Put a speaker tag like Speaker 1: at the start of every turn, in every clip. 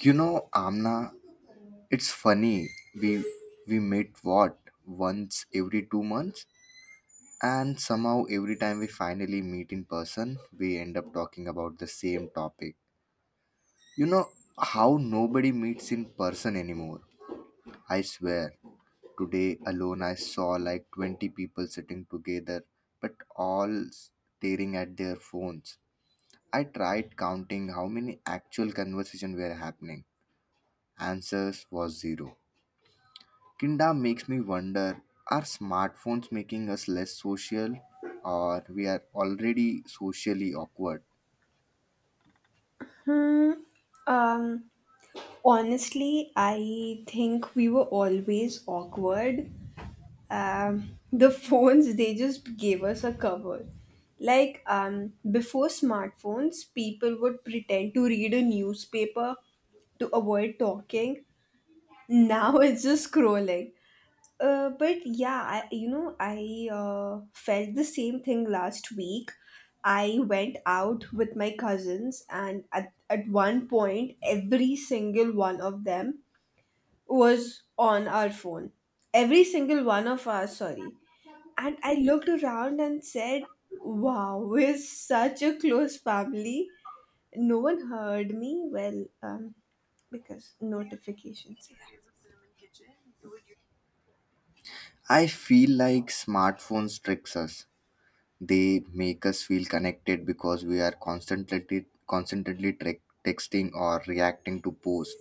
Speaker 1: You know, Amna, it's funny. We we meet what, once every 2 months, and somehow every time we finally meet in person, we end up talking about the same topic. You know how nobody meets in person anymore. I swear, today alone I saw like 20 people sitting together, but all staring at their phones. I tried counting how many actual conversation were happening. Answers was zero. Kinda makes me wonder, are smartphones making us less social, or we are already socially awkward?
Speaker 2: Hmm. Um, Honestly, I think we were always awkward. The phones, they just gave us a cover. Before smartphones, people would pretend to read a newspaper to avoid talking. Now it's just scrolling. But yeah, I felt the same thing last week. I went out with my cousins, and at one point, every single one of them was on our phone. Every single one of us, sorry. And I looked around and said, "Wow, we're such a close family." No one heard me. Because notifications. Yeah.
Speaker 1: I feel like smartphones tricks us. They make us feel connected because we are constantly tre- texting or reacting to posts.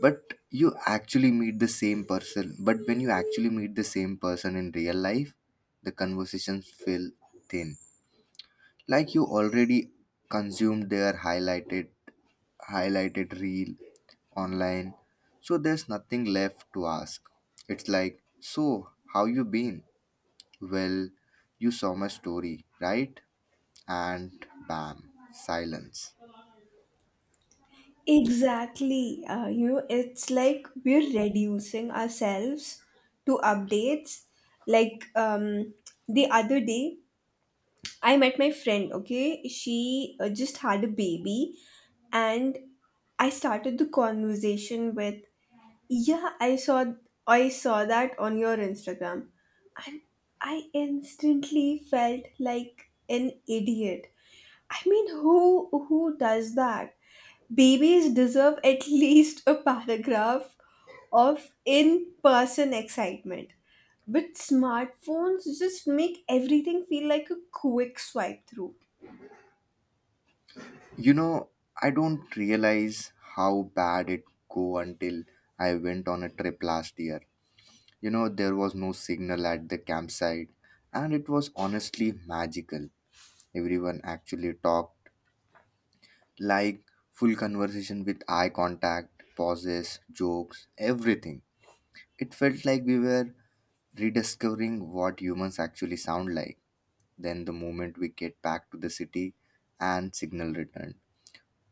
Speaker 1: But But when you actually meet the same person in real life, the conversations feel thin. Like you already consumed their highlighted reel online, so there's nothing left to ask. It's like, so how you been? Well, you saw my story, right? And bam, silence.
Speaker 2: Exactly. It's like we're reducing ourselves to updates. Like um, the other day, I met my friend, okay? She just had a baby, and I started the conversation with, "Yeah, I saw that on your Instagram." And I instantly felt like an idiot. I mean, who does that? Babies deserve at least a paragraph of in person excitement. But smartphones just make everything feel like a quick swipe through.
Speaker 1: You know, I don't realize how bad it go until I went on a trip last year. You know, there was no signal at the campsite, and it was honestly magical. Everyone actually talked, like full conversation with eye contact, pauses, jokes, everything. It felt like we were rediscovering what humans actually sound like. Then, the moment we get back to the city and signal returned,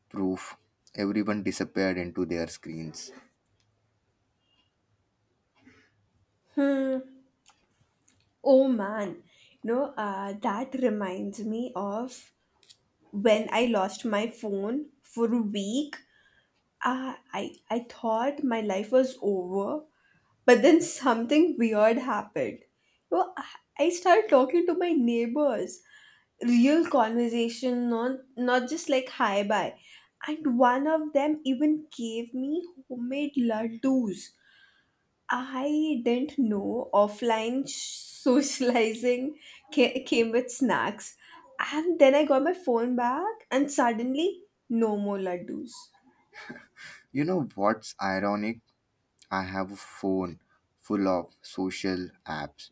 Speaker 1: proof, everyone disappeared into their screens.
Speaker 2: Hmm. Oh man. That reminds me of when I lost my phone for a week. I thought my life was over, but then something weird happened. You know, I I started talking to my neighbors, real conversation, not just like hi bye. And one of them even gave me homemade laddus. I didn't know socializing came with snacks. And then I got my phone back, and suddenly no more laddus.
Speaker 1: You know what's ironic? I have a phone full of social apps,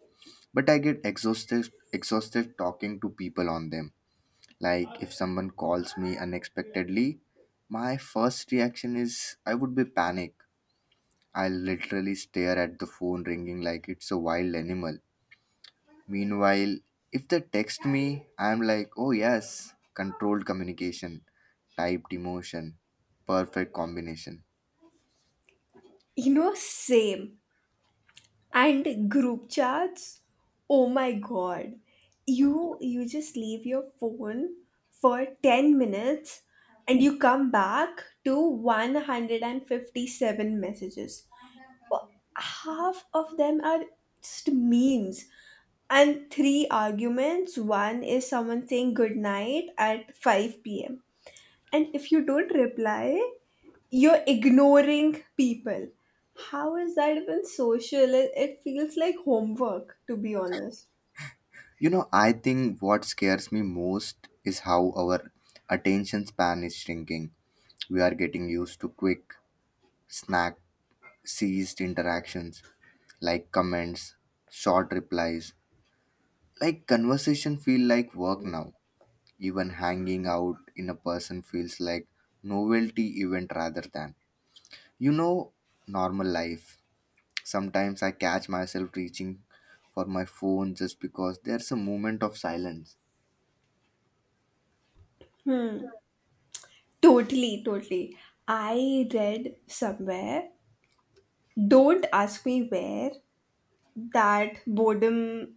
Speaker 1: but I get exhausted talking to people on them. Like, if someone calls me unexpectedly, my first reaction is I would be panic. I literally stare at the phone ringing like it's a wild animal. Meanwhile, if they text me, I'm like, oh yes, controlled communication, typed emotion, perfect combination.
Speaker 2: You know, same. And group chats? Oh my god. You just leave your phone for 10 minutes and you come back to 157 messages. Well, half of them are just memes and three arguments. One is someone saying good night at 5 p.m. And if you don't reply, you're ignoring people. How is that even social? It feels like homework, to be honest.
Speaker 1: You know, I think what scares me most is how our attention span is shrinking. We are getting used to quick, snack ceased interactions like comments, short replies, like conversation feel like work now. Even hanging out in a person feels like novelty event rather than, you know, normal life. Sometimes I catch myself reaching for my phone just because there's a moment of silence.
Speaker 2: Totally, totally. I read somewhere, don't ask me where, that boredom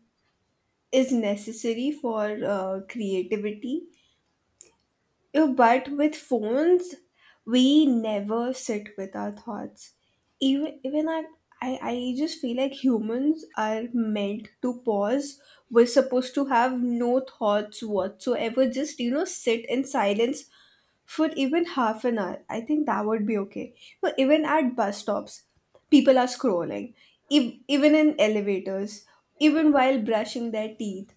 Speaker 2: is necessary for creativity. Yeah. But with phones, we never sit with our thoughts. Even even I, I just feel like humans are meant to pause. We're supposed to have no thoughts whatsoever. Just sit in silence for even half an hour. I think that would be okay. But even at bus stops, people are scrolling. Even in elevators, even while brushing their teeth.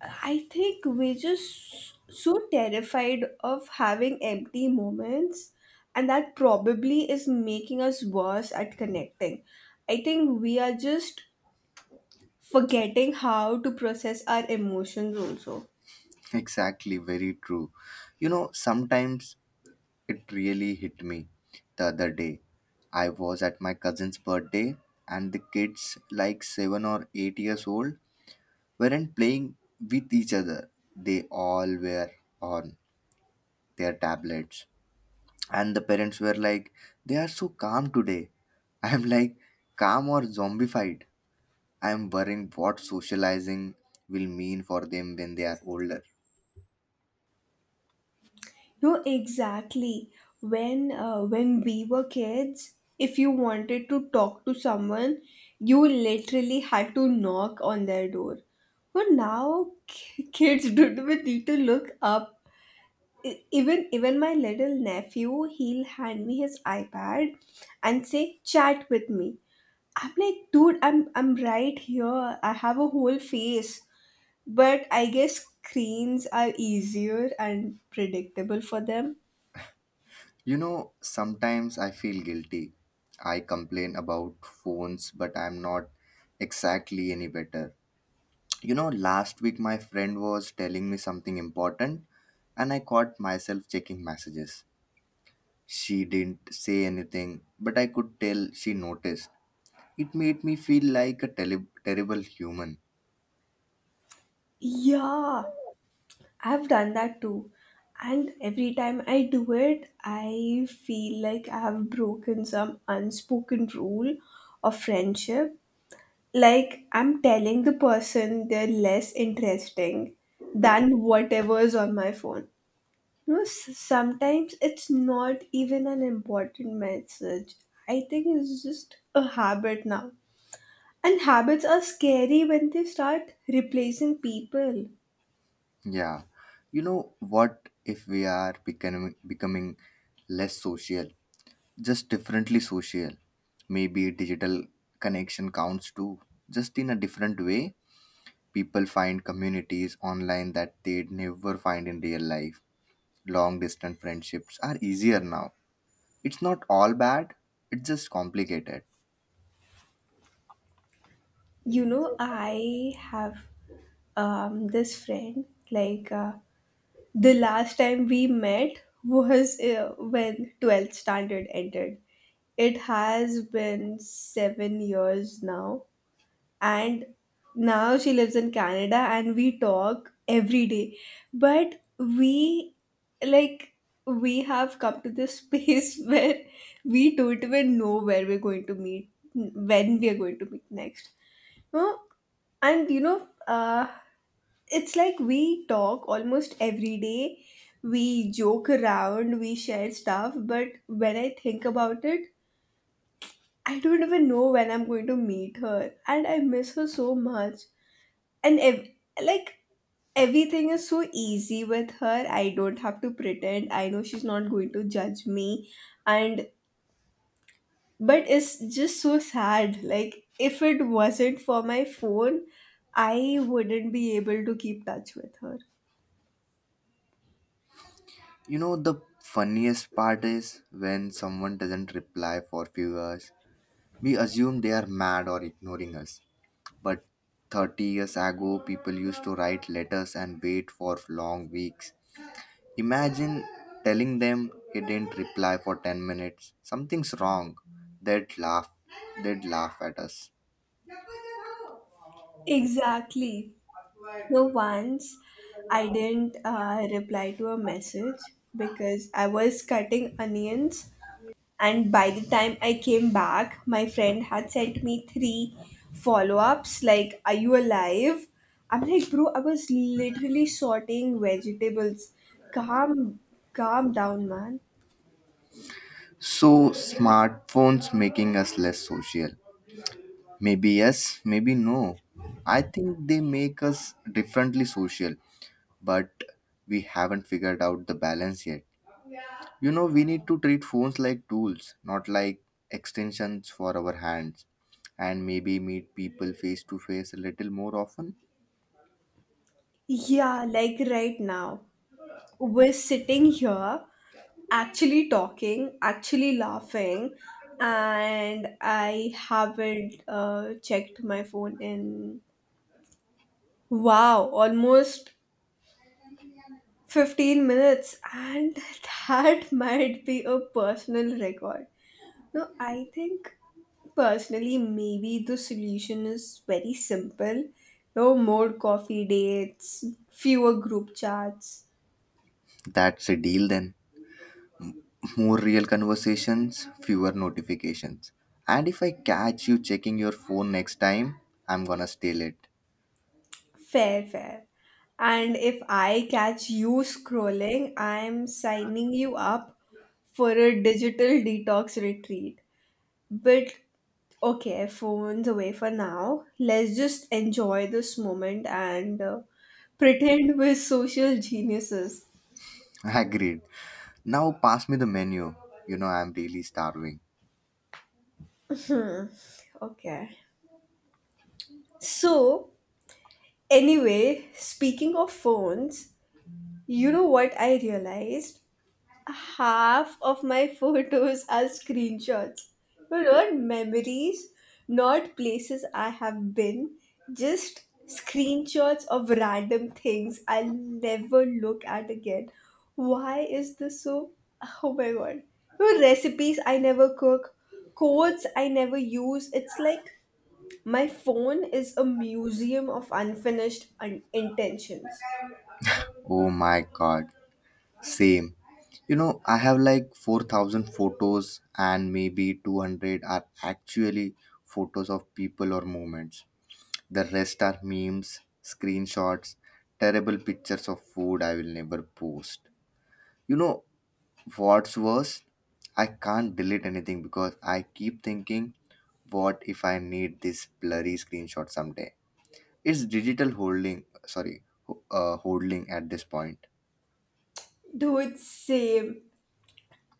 Speaker 2: I think we're just so terrified of having empty moments, and that probably is making us worse at connecting. I think we are just forgetting how to process our emotions also.
Speaker 1: Exactly, very true. You know, sometimes it really hit me the other day. I was at my cousin's birthday, and the kids, like 7 or 8 years old, weren't playing with each other. They all were on their tablets. And the parents were like, they are so calm today. I'm like, calm or zombified? I'm worrying what socializing will mean for them when they are older.
Speaker 2: No, exactly. When we were kids, if you wanted to talk to someone, you literally had to knock on their door. But now kids don't even need to look up. Even my little nephew, he'll hand me his iPad and say, "Chat with me." I'm like, "Dude, I'm right here. I have a whole face." But I guess screens are easier and predictable for them.
Speaker 1: You know, sometimes I feel guilty. I complain about phones, but I'm not exactly any better. You know, last week my friend was telling me something important, and I caught myself checking messages. She didn't say anything, but I could tell she noticed. It made me feel like a terrible human.
Speaker 2: Yeah, I've done that too, and every time I do it, I feel like I have broken some unspoken rule of friendship, like I'm telling the person they're less interesting than whatever's on my phone. You know, sometimes it's not even an important message. I think it's just a habit now. And habits are scary when they start replacing people.
Speaker 1: Yeah. You know, what if we are becoming less social, just differently social. Maybe digital connection counts too. Just in a different way, people find communities online that they'd never find in real life. Long distance friendships are easier now. It's not all bad, it's just complicated.
Speaker 2: You know, I have this friend, like uh, the last time we met was when 12th standard ended. It has been 7 years now, and now she lives in Canada, and we talk every day. But we, like, we have come to this space where we don't even know where we're going to meet, when we are going to meet next. No, and it's like we talk almost every day. We joke around, we share stuff, but when I think about it, I don't even know when I'm going to meet her, and I miss her so much. And ev- like everything is so easy with her. I don't have to pretend. I know she's not going to judge me, and but it's just so sad. Like if it wasn't for my phone, I wouldn't be able to keep touch with her.
Speaker 1: You know, the funniest part is when someone doesn't reply for few hours. We assume they are mad or ignoring us. But 30 years ago, people used to write letters and wait for long weeks. Imagine telling them he didn't reply for 10 minutes. Something's wrong. They'd laugh. They'd laugh at us.
Speaker 2: Exactly. So once I didn't reply to a message because I was cutting onions. And by the time I came back, my friend had sent me three follow ups like, "Are you alive?" I'm like, "Bro, I was literally sorting vegetables. Calm, calm down, man."
Speaker 1: So, smartphones making us less social. Maybe yes, maybe no. I think they make us differently social, but we haven't figured out the balance yet. You know, we need to treat phones like tools, not like extensions for our hands, and maybe meet people face to face a little more often.
Speaker 2: Yeah, like right now. We're sitting here, actually talking, actually laughing, and I haven't checked my phone in, wow, almost 15 minutes, and that might be a personal record. No, I think personally maybe the solution is very simple. No more coffee dates, fewer group chats.
Speaker 1: That's a deal then. More real conversations, fewer notifications. And if I catch you checking your phone next time, I'm gonna steal it.
Speaker 2: Fair, fair. And if I catch you scrolling, I'm signing you up for a digital detox retreat. But okay, phones away for now. Let's just enjoy this moment and pretend we're social geniuses.
Speaker 1: Agreed. Now pass me the menu. You know, I'm really starving.
Speaker 2: Okay. So, anyway, speaking of phones, you know what I realized? Half of my photos are screenshots. You know, not memories, not places I have been, just screenshots of random things I'll never look at again. Why is this so? Oh my god. You know, recipes I never cook, codes I never use. It's like my phone is a museum of intentions.
Speaker 1: Oh my god. Same. You know, I have like 4,000 photos, and maybe 200 are actually photos of people or moments. The rest are memes, screenshots, terrible pictures of food I will never post. You know what's worse? I can't delete anything because I keep thinking, what if I need this blurry screenshot someday? It's digital holding, sorry, holding at this point.
Speaker 2: Dude, same.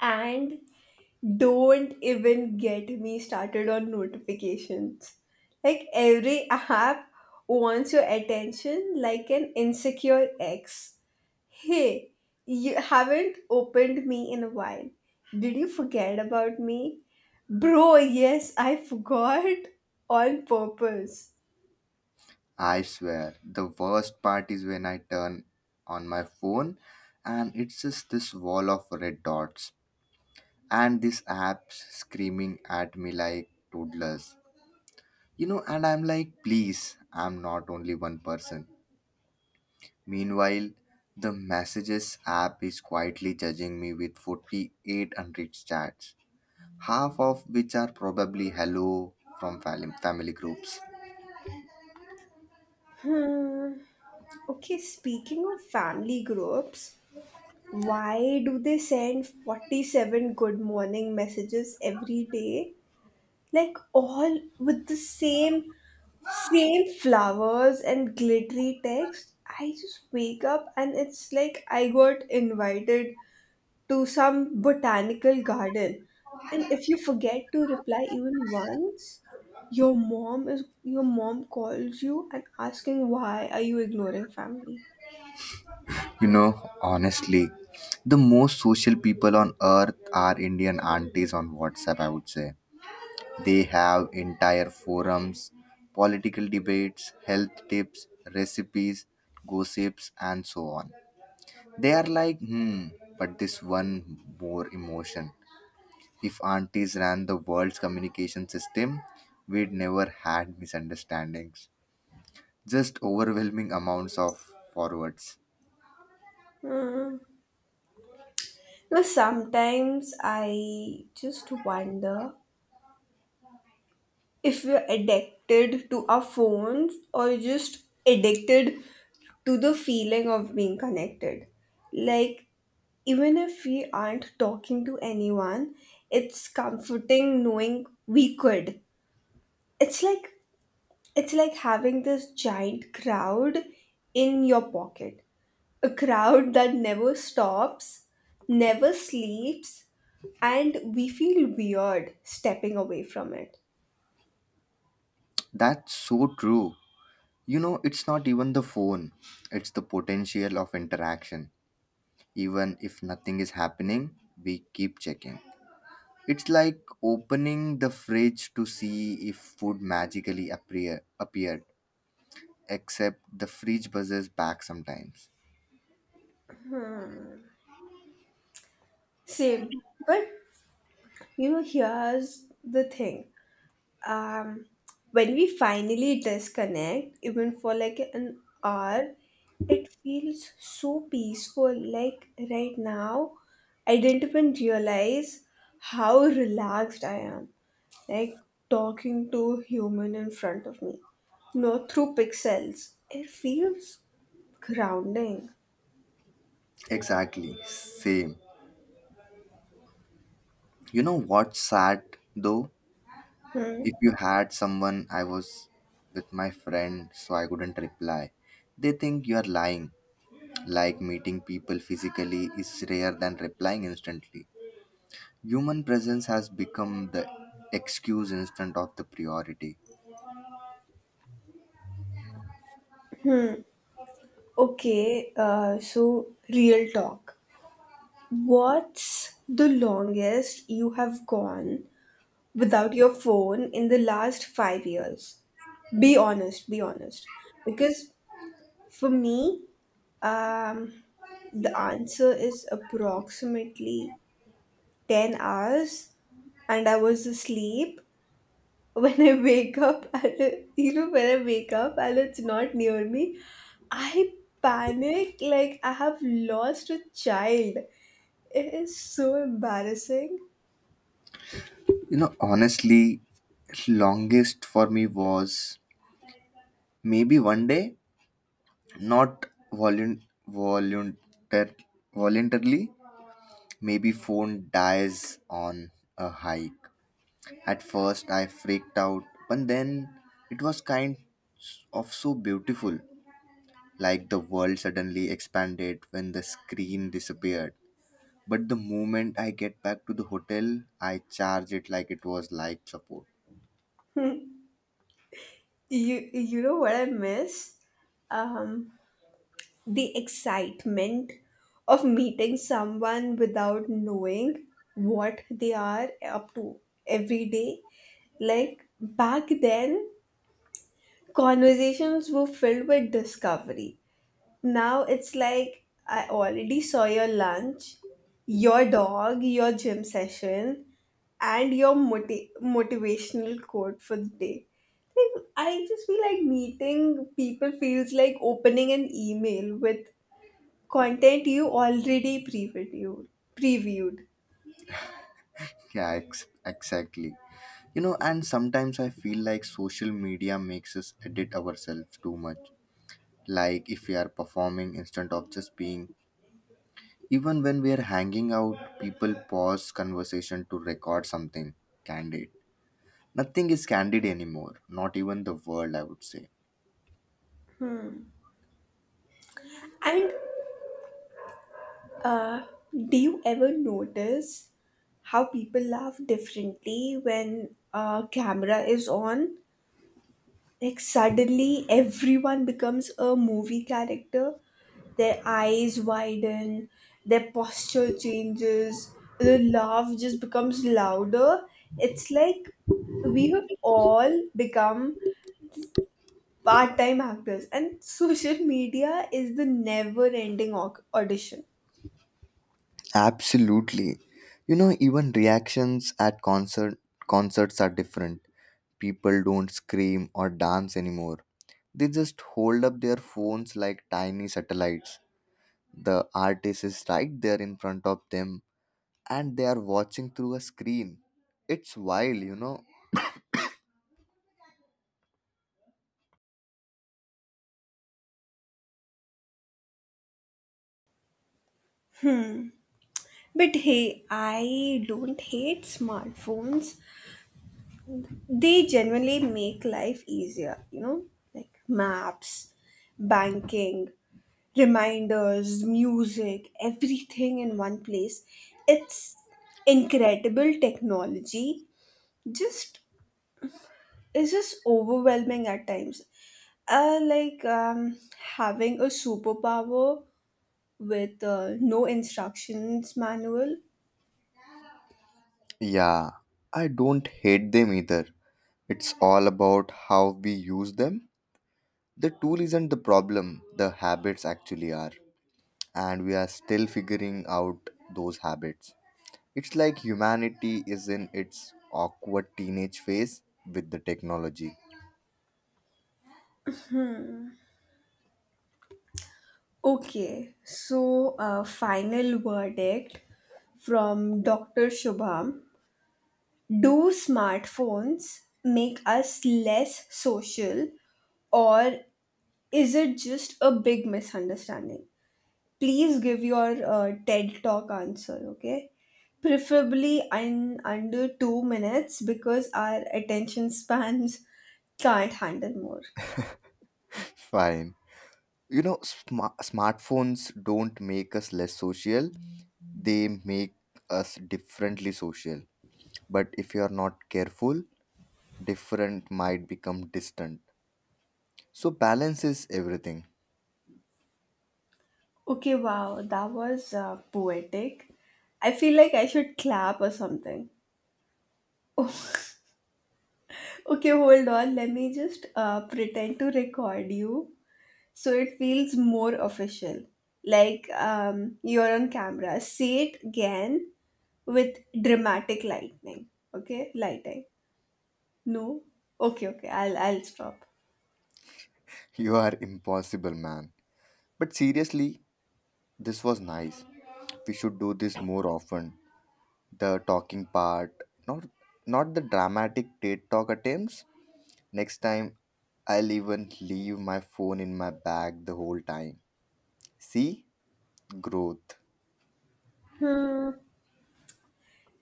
Speaker 2: And don't even get me started on notifications. Like every app wants your attention like an insecure ex. "Hey, you haven't opened me in a while. Did you forget about me?" Bro, yes, I forgot on purpose.
Speaker 1: I swear, the worst part is when I turn on my phone and it's just this wall of red dots and this app screaming at me like toddlers. You know, and I'm like, please, I'm not only one person. Meanwhile, the messages app is quietly judging me with 48 unread chats, half of which are probably hello from family groups.
Speaker 2: Hmm. Okay, speaking of family groups, why do they send 47 good morning messages every day, like all with the same flowers and glittery text? I just wake up and it's like I got invited to some botanical garden. And if you forget to reply even once, your mom calls you and asking, "Why are you ignoring family?"
Speaker 1: You know, honestly, the most social people on earth are Indian aunties on WhatsApp, I would say. They have entire forums, political debates, health tips, recipes, gossips, and so on. They are like, hmm, but this one more emotion. If aunties ran the world's communication system, we'd never had misunderstandings. Just overwhelming amounts of forwards.
Speaker 2: Hmm. Now sometimes I just wonder if we're addicted to our phones or just addicted to the feeling of being connected. Like, even if we aren't talking to anyone, it's comforting knowing we could. It's like it's like having this giant crowd in your pocket. A crowd that never stops, never sleeps, and we feel weird stepping away from it.
Speaker 1: That's so true. You know, it's not even the phone, it's the potential of interaction. Even if nothing is happening, we keep checking. It's like opening the fridge to see if food magically appeared, except the fridge buzzes back sometimes.
Speaker 2: Hmm. Same. But you know, here's the thing. Um, when we finally disconnect, even for like an hour, it feels so peaceful. Like right now, I didn't even realize how relaxed I am. Like talking to human in front of me, not through pixels. It feels grounding.
Speaker 1: Exactly, same. You know what's sad though? If
Speaker 2: Hmm.
Speaker 1: you had someone, I was with my friend, so I couldn't reply. They think you are lying, like meeting people physically is rare than replying instantly. Human presence has become the excuse instead of the priority.
Speaker 2: Okay, so real talk. What's the longest you have gone without your phone in the last 5 years? Be honest, be honest. Because for me, um, the answer is approximately 10 hours, and I was asleep. When I wake up, and, you know, when I wake up and it's not near me, I panic like I have lost a child. It is so embarrassing.
Speaker 1: You know, honestly, longest for me was maybe one day, not volun- voluntar- voluntarily, maybe phone dies on a hike. At first, I freaked out, but then it was kind of so beautiful. Like the world suddenly expanded when the screen disappeared. But the moment I get back to the hotel, I charge it like it was life support.
Speaker 2: You know what I miss? Um, the excitement of meeting someone without knowing what they are up to every day. Like back then, conversations were filled with discovery. Now it's like I already saw your lunch, your dog, your gym session, and your motivational quote for the day. Like, I just feel like meeting people feels like opening an email with content you already previewed.
Speaker 1: Yeah, exactly. You know, and sometimes I feel like social media makes us edit ourselves too much. Like if we are performing instead of just being. Even when we are hanging out, people pause conversation to record something candid. Nothing is candid anymore, not even the world, I would say.
Speaker 2: And uh, do you ever notice how people laugh differently when a camera is on? Like suddenly everyone becomes a movie character. Their eyes widen, their posture changes, the laugh just becomes louder. It's like we have all become part-time actors, and social media is the never-ending audition.
Speaker 1: Absolutely. You know, even reactions at concerts are different. People don't scream or dance anymore. They just hold up their phones like tiny satellites. The artist is right there in front of them and they are watching through a screen. It's wild, you know.
Speaker 2: But hey, I don't hate smartphones. They genuinely make life easier, you know, like maps, banking, reminders, music, everything in one place. It's incredible technology. Just, it's just overwhelming at times. uh, like um, Having a superpower with no instructions manual.
Speaker 1: Yeah, I don't hate them either. It's all about how we use them. The tool isn't the problem, the habits actually are. And we are still figuring out those habits. It's like humanity is in its awkward teenage phase with the technology.
Speaker 2: Okay, so final verdict from Dr. Shubham. Do smartphones make us less social, or is it just a big misunderstanding? Please give your TED Talk answer, okay? Preferably in under 2 minutes because our attention spans can't handle more.
Speaker 1: Fine. You know, smartphones don't make us less social, they make us differently social. But if you are not careful, different might become distant. So, balance is everything.
Speaker 2: Okay, wow, that was poetic. I feel like I should clap or something. Okay, hold on. Let me just pretend to record you so it feels more official. You're on camera. Say it again with dramatic lightning. Okay, lighting. No. Okay, okay, I'll stop.
Speaker 1: You are impossible, man. But seriously, this was nice. We should do this more often. The talking part, not not the dramatic TED talk attempts. Next time I'll even leave my phone in my bag the whole time. See, growth.
Speaker 2: Hmm.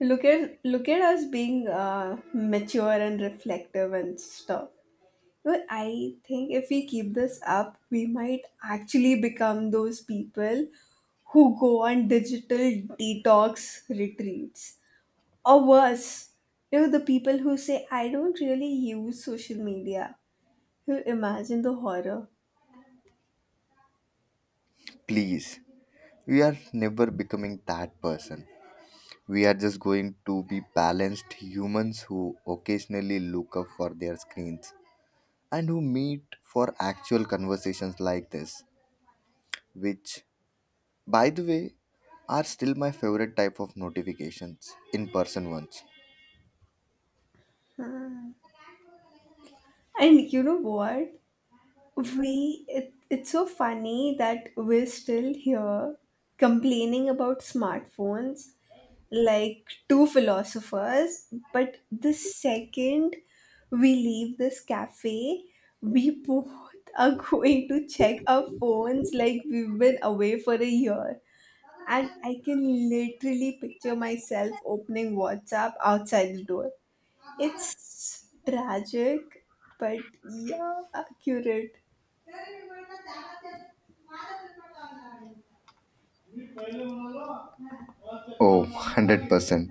Speaker 2: Look at us being mature and reflective and stuff. But I think if we keep this up, we might actually become those people who go on digital detox retreats. Or worse, you know, the people who say, "I don't really use social media." You imagine the horror.
Speaker 1: Please, we are never becoming that person. We are just going to be balanced humans who occasionally look up for their screens and who meet for actual conversations like this, which, by the way, are still my favorite type of notifications, in person ones.
Speaker 2: And you know what? It's so funny that we're still here complaining about smartphones like two philosophers, but the second we leave this cafe, we both are going to check our phones like we've been away for a year. And I can literally picture myself opening WhatsApp outside the door. It's tragic, but yeah, accurate.
Speaker 1: Oh, 100%.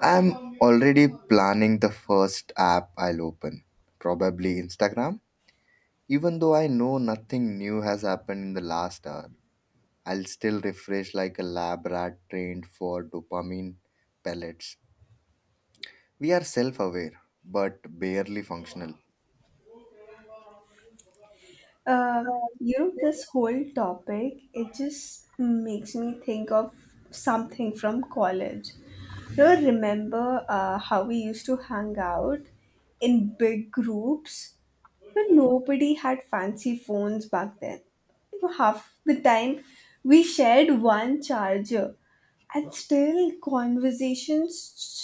Speaker 1: I'm already planning the first app I'll open, probably Instagram. Even though I know nothing new has happened in the last hour, I'll still refresh like a lab rat trained for dopamine pellets. We are self aware, but barely functional.
Speaker 2: You know, this whole topic, it just makes me think of something from college. You know, remember how we used to hang out in big groups? But nobody had fancy phones back then. You know, half the time we shared one charger, and still conversations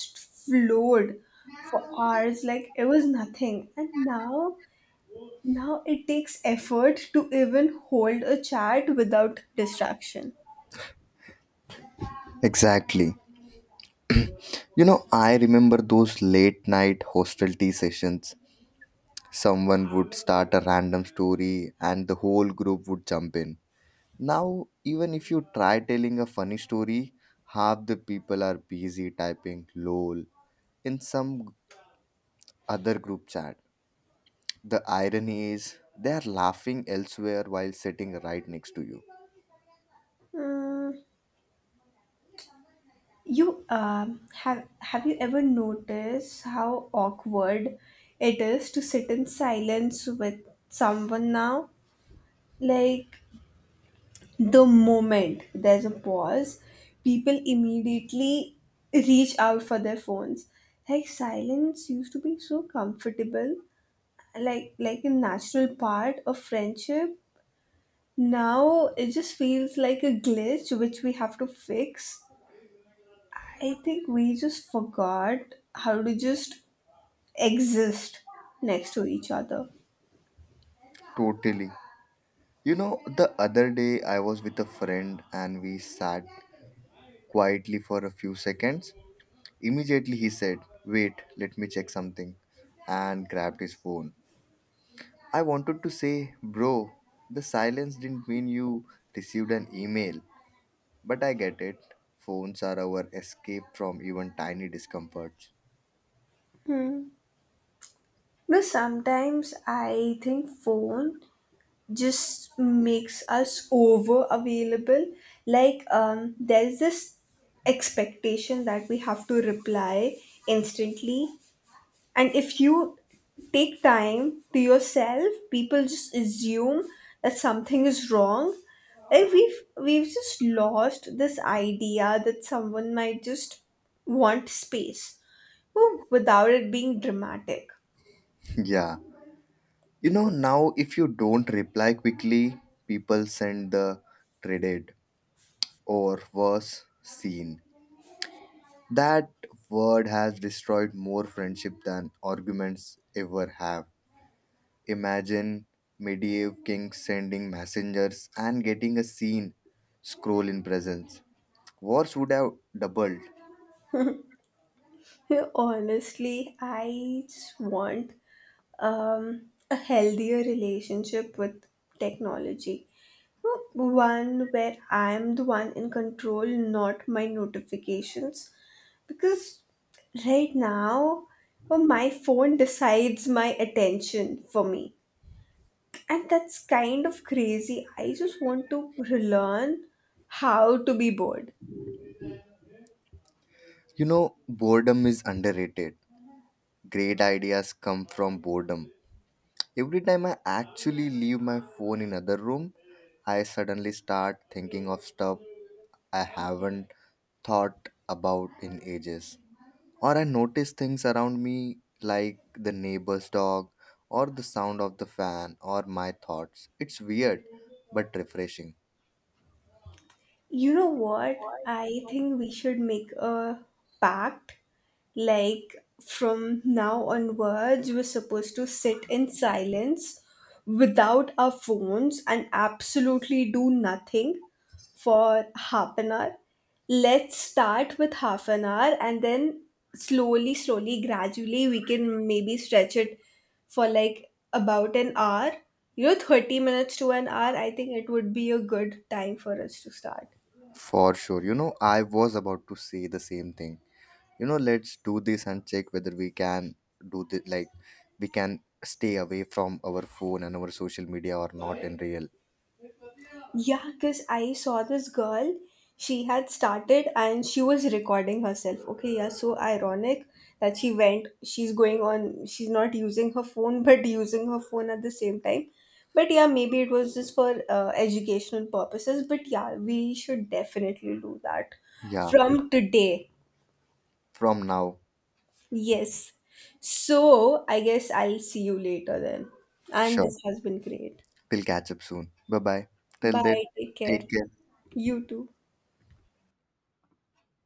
Speaker 2: flowed for hours like it was nothing. And now, now it takes effort to even hold a chat without distraction.
Speaker 1: Exactly. You know, I remember those late night hostel tea sessions. Someone would start a random story and the whole group would jump in. Now, even if you try telling a funny story, half the people are busy typing lol in some other group chat. The irony is they are laughing elsewhere while sitting right next to you.
Speaker 2: Mm, you have you ever noticed how awkward it is to sit in silence with someone now? Like the moment there's a pause, people immediately reach out for their phones. Like silence used to be so comfortable, like a natural part of friendship. Now it just feels like a glitch which we have to fix. I think we just forgot how to just exist next to each other.
Speaker 1: Totally. You know, the other day I was with a friend and we sat quietly for a few seconds. Immediately he said, wait, let me check something, and grabbed his phone. I wanted to say, bro, the silence didn't mean you received an email, but I get it. Phones are our escape from even tiny discomforts.
Speaker 2: Because sometimes I think phone just makes us over available. There's this expectation that we have to reply instantly, and if you take time to yourself, people just assume that something is wrong. Like we've just lost this idea that someone might just want space, well, without it being dramatic.
Speaker 1: Yeah. You know, now if you don't reply quickly, people send the dreaded or worse seen. That word has destroyed more friendship than arguments ever have. Imagine medieval kings sending messengers and getting a scene scroll in presence. Wars would have doubled.
Speaker 2: Honestly, I just want um, a healthier relationship with technology. You know, one where I am the one in control, not my notifications. Because right now, well, my phone decides my attention for me. And that's kind of crazy. I just want to relearn how to be bored.
Speaker 1: You know, boredom is underrated. Great ideas come from boredom. Every time I actually leave my phone in other room, I suddenly start thinking of stuff I haven't thought about in ages. Or I notice things around me like the neighbor's dog or the sound of the fan or my thoughts. It's weird but refreshing.
Speaker 2: You know what? I think we should make a pact. Like from now onwards, we're supposed to sit in silence without our phones and absolutely do nothing for half an hour. Let's start with half an hour and then slowly, slowly, gradually, we can maybe stretch it for like about an hour. You know, 30 minutes to an hour, I think it would be a good time for us to start.
Speaker 1: For sure. You know, I was about to say the same thing. You know, let's do this and check whether we can do this, like, we can stay away from our phone and our social media or not in real.
Speaker 2: Yeah, because I saw this girl, she had started and she was recording herself. Okay, yeah, so ironic that she's going on, she's not using her phone, but using her phone at the same time. But yeah, maybe it was just for educational purposes. But yeah, we should definitely do that
Speaker 1: Yeah,
Speaker 2: from today.
Speaker 1: from now.
Speaker 2: Yes. So I guess I'll see you later then. And
Speaker 1: Sure.
Speaker 2: this has been great.
Speaker 1: We'll catch up soon. Bye bye. Till then,
Speaker 2: Bye. Take care.
Speaker 1: take care.
Speaker 2: You too.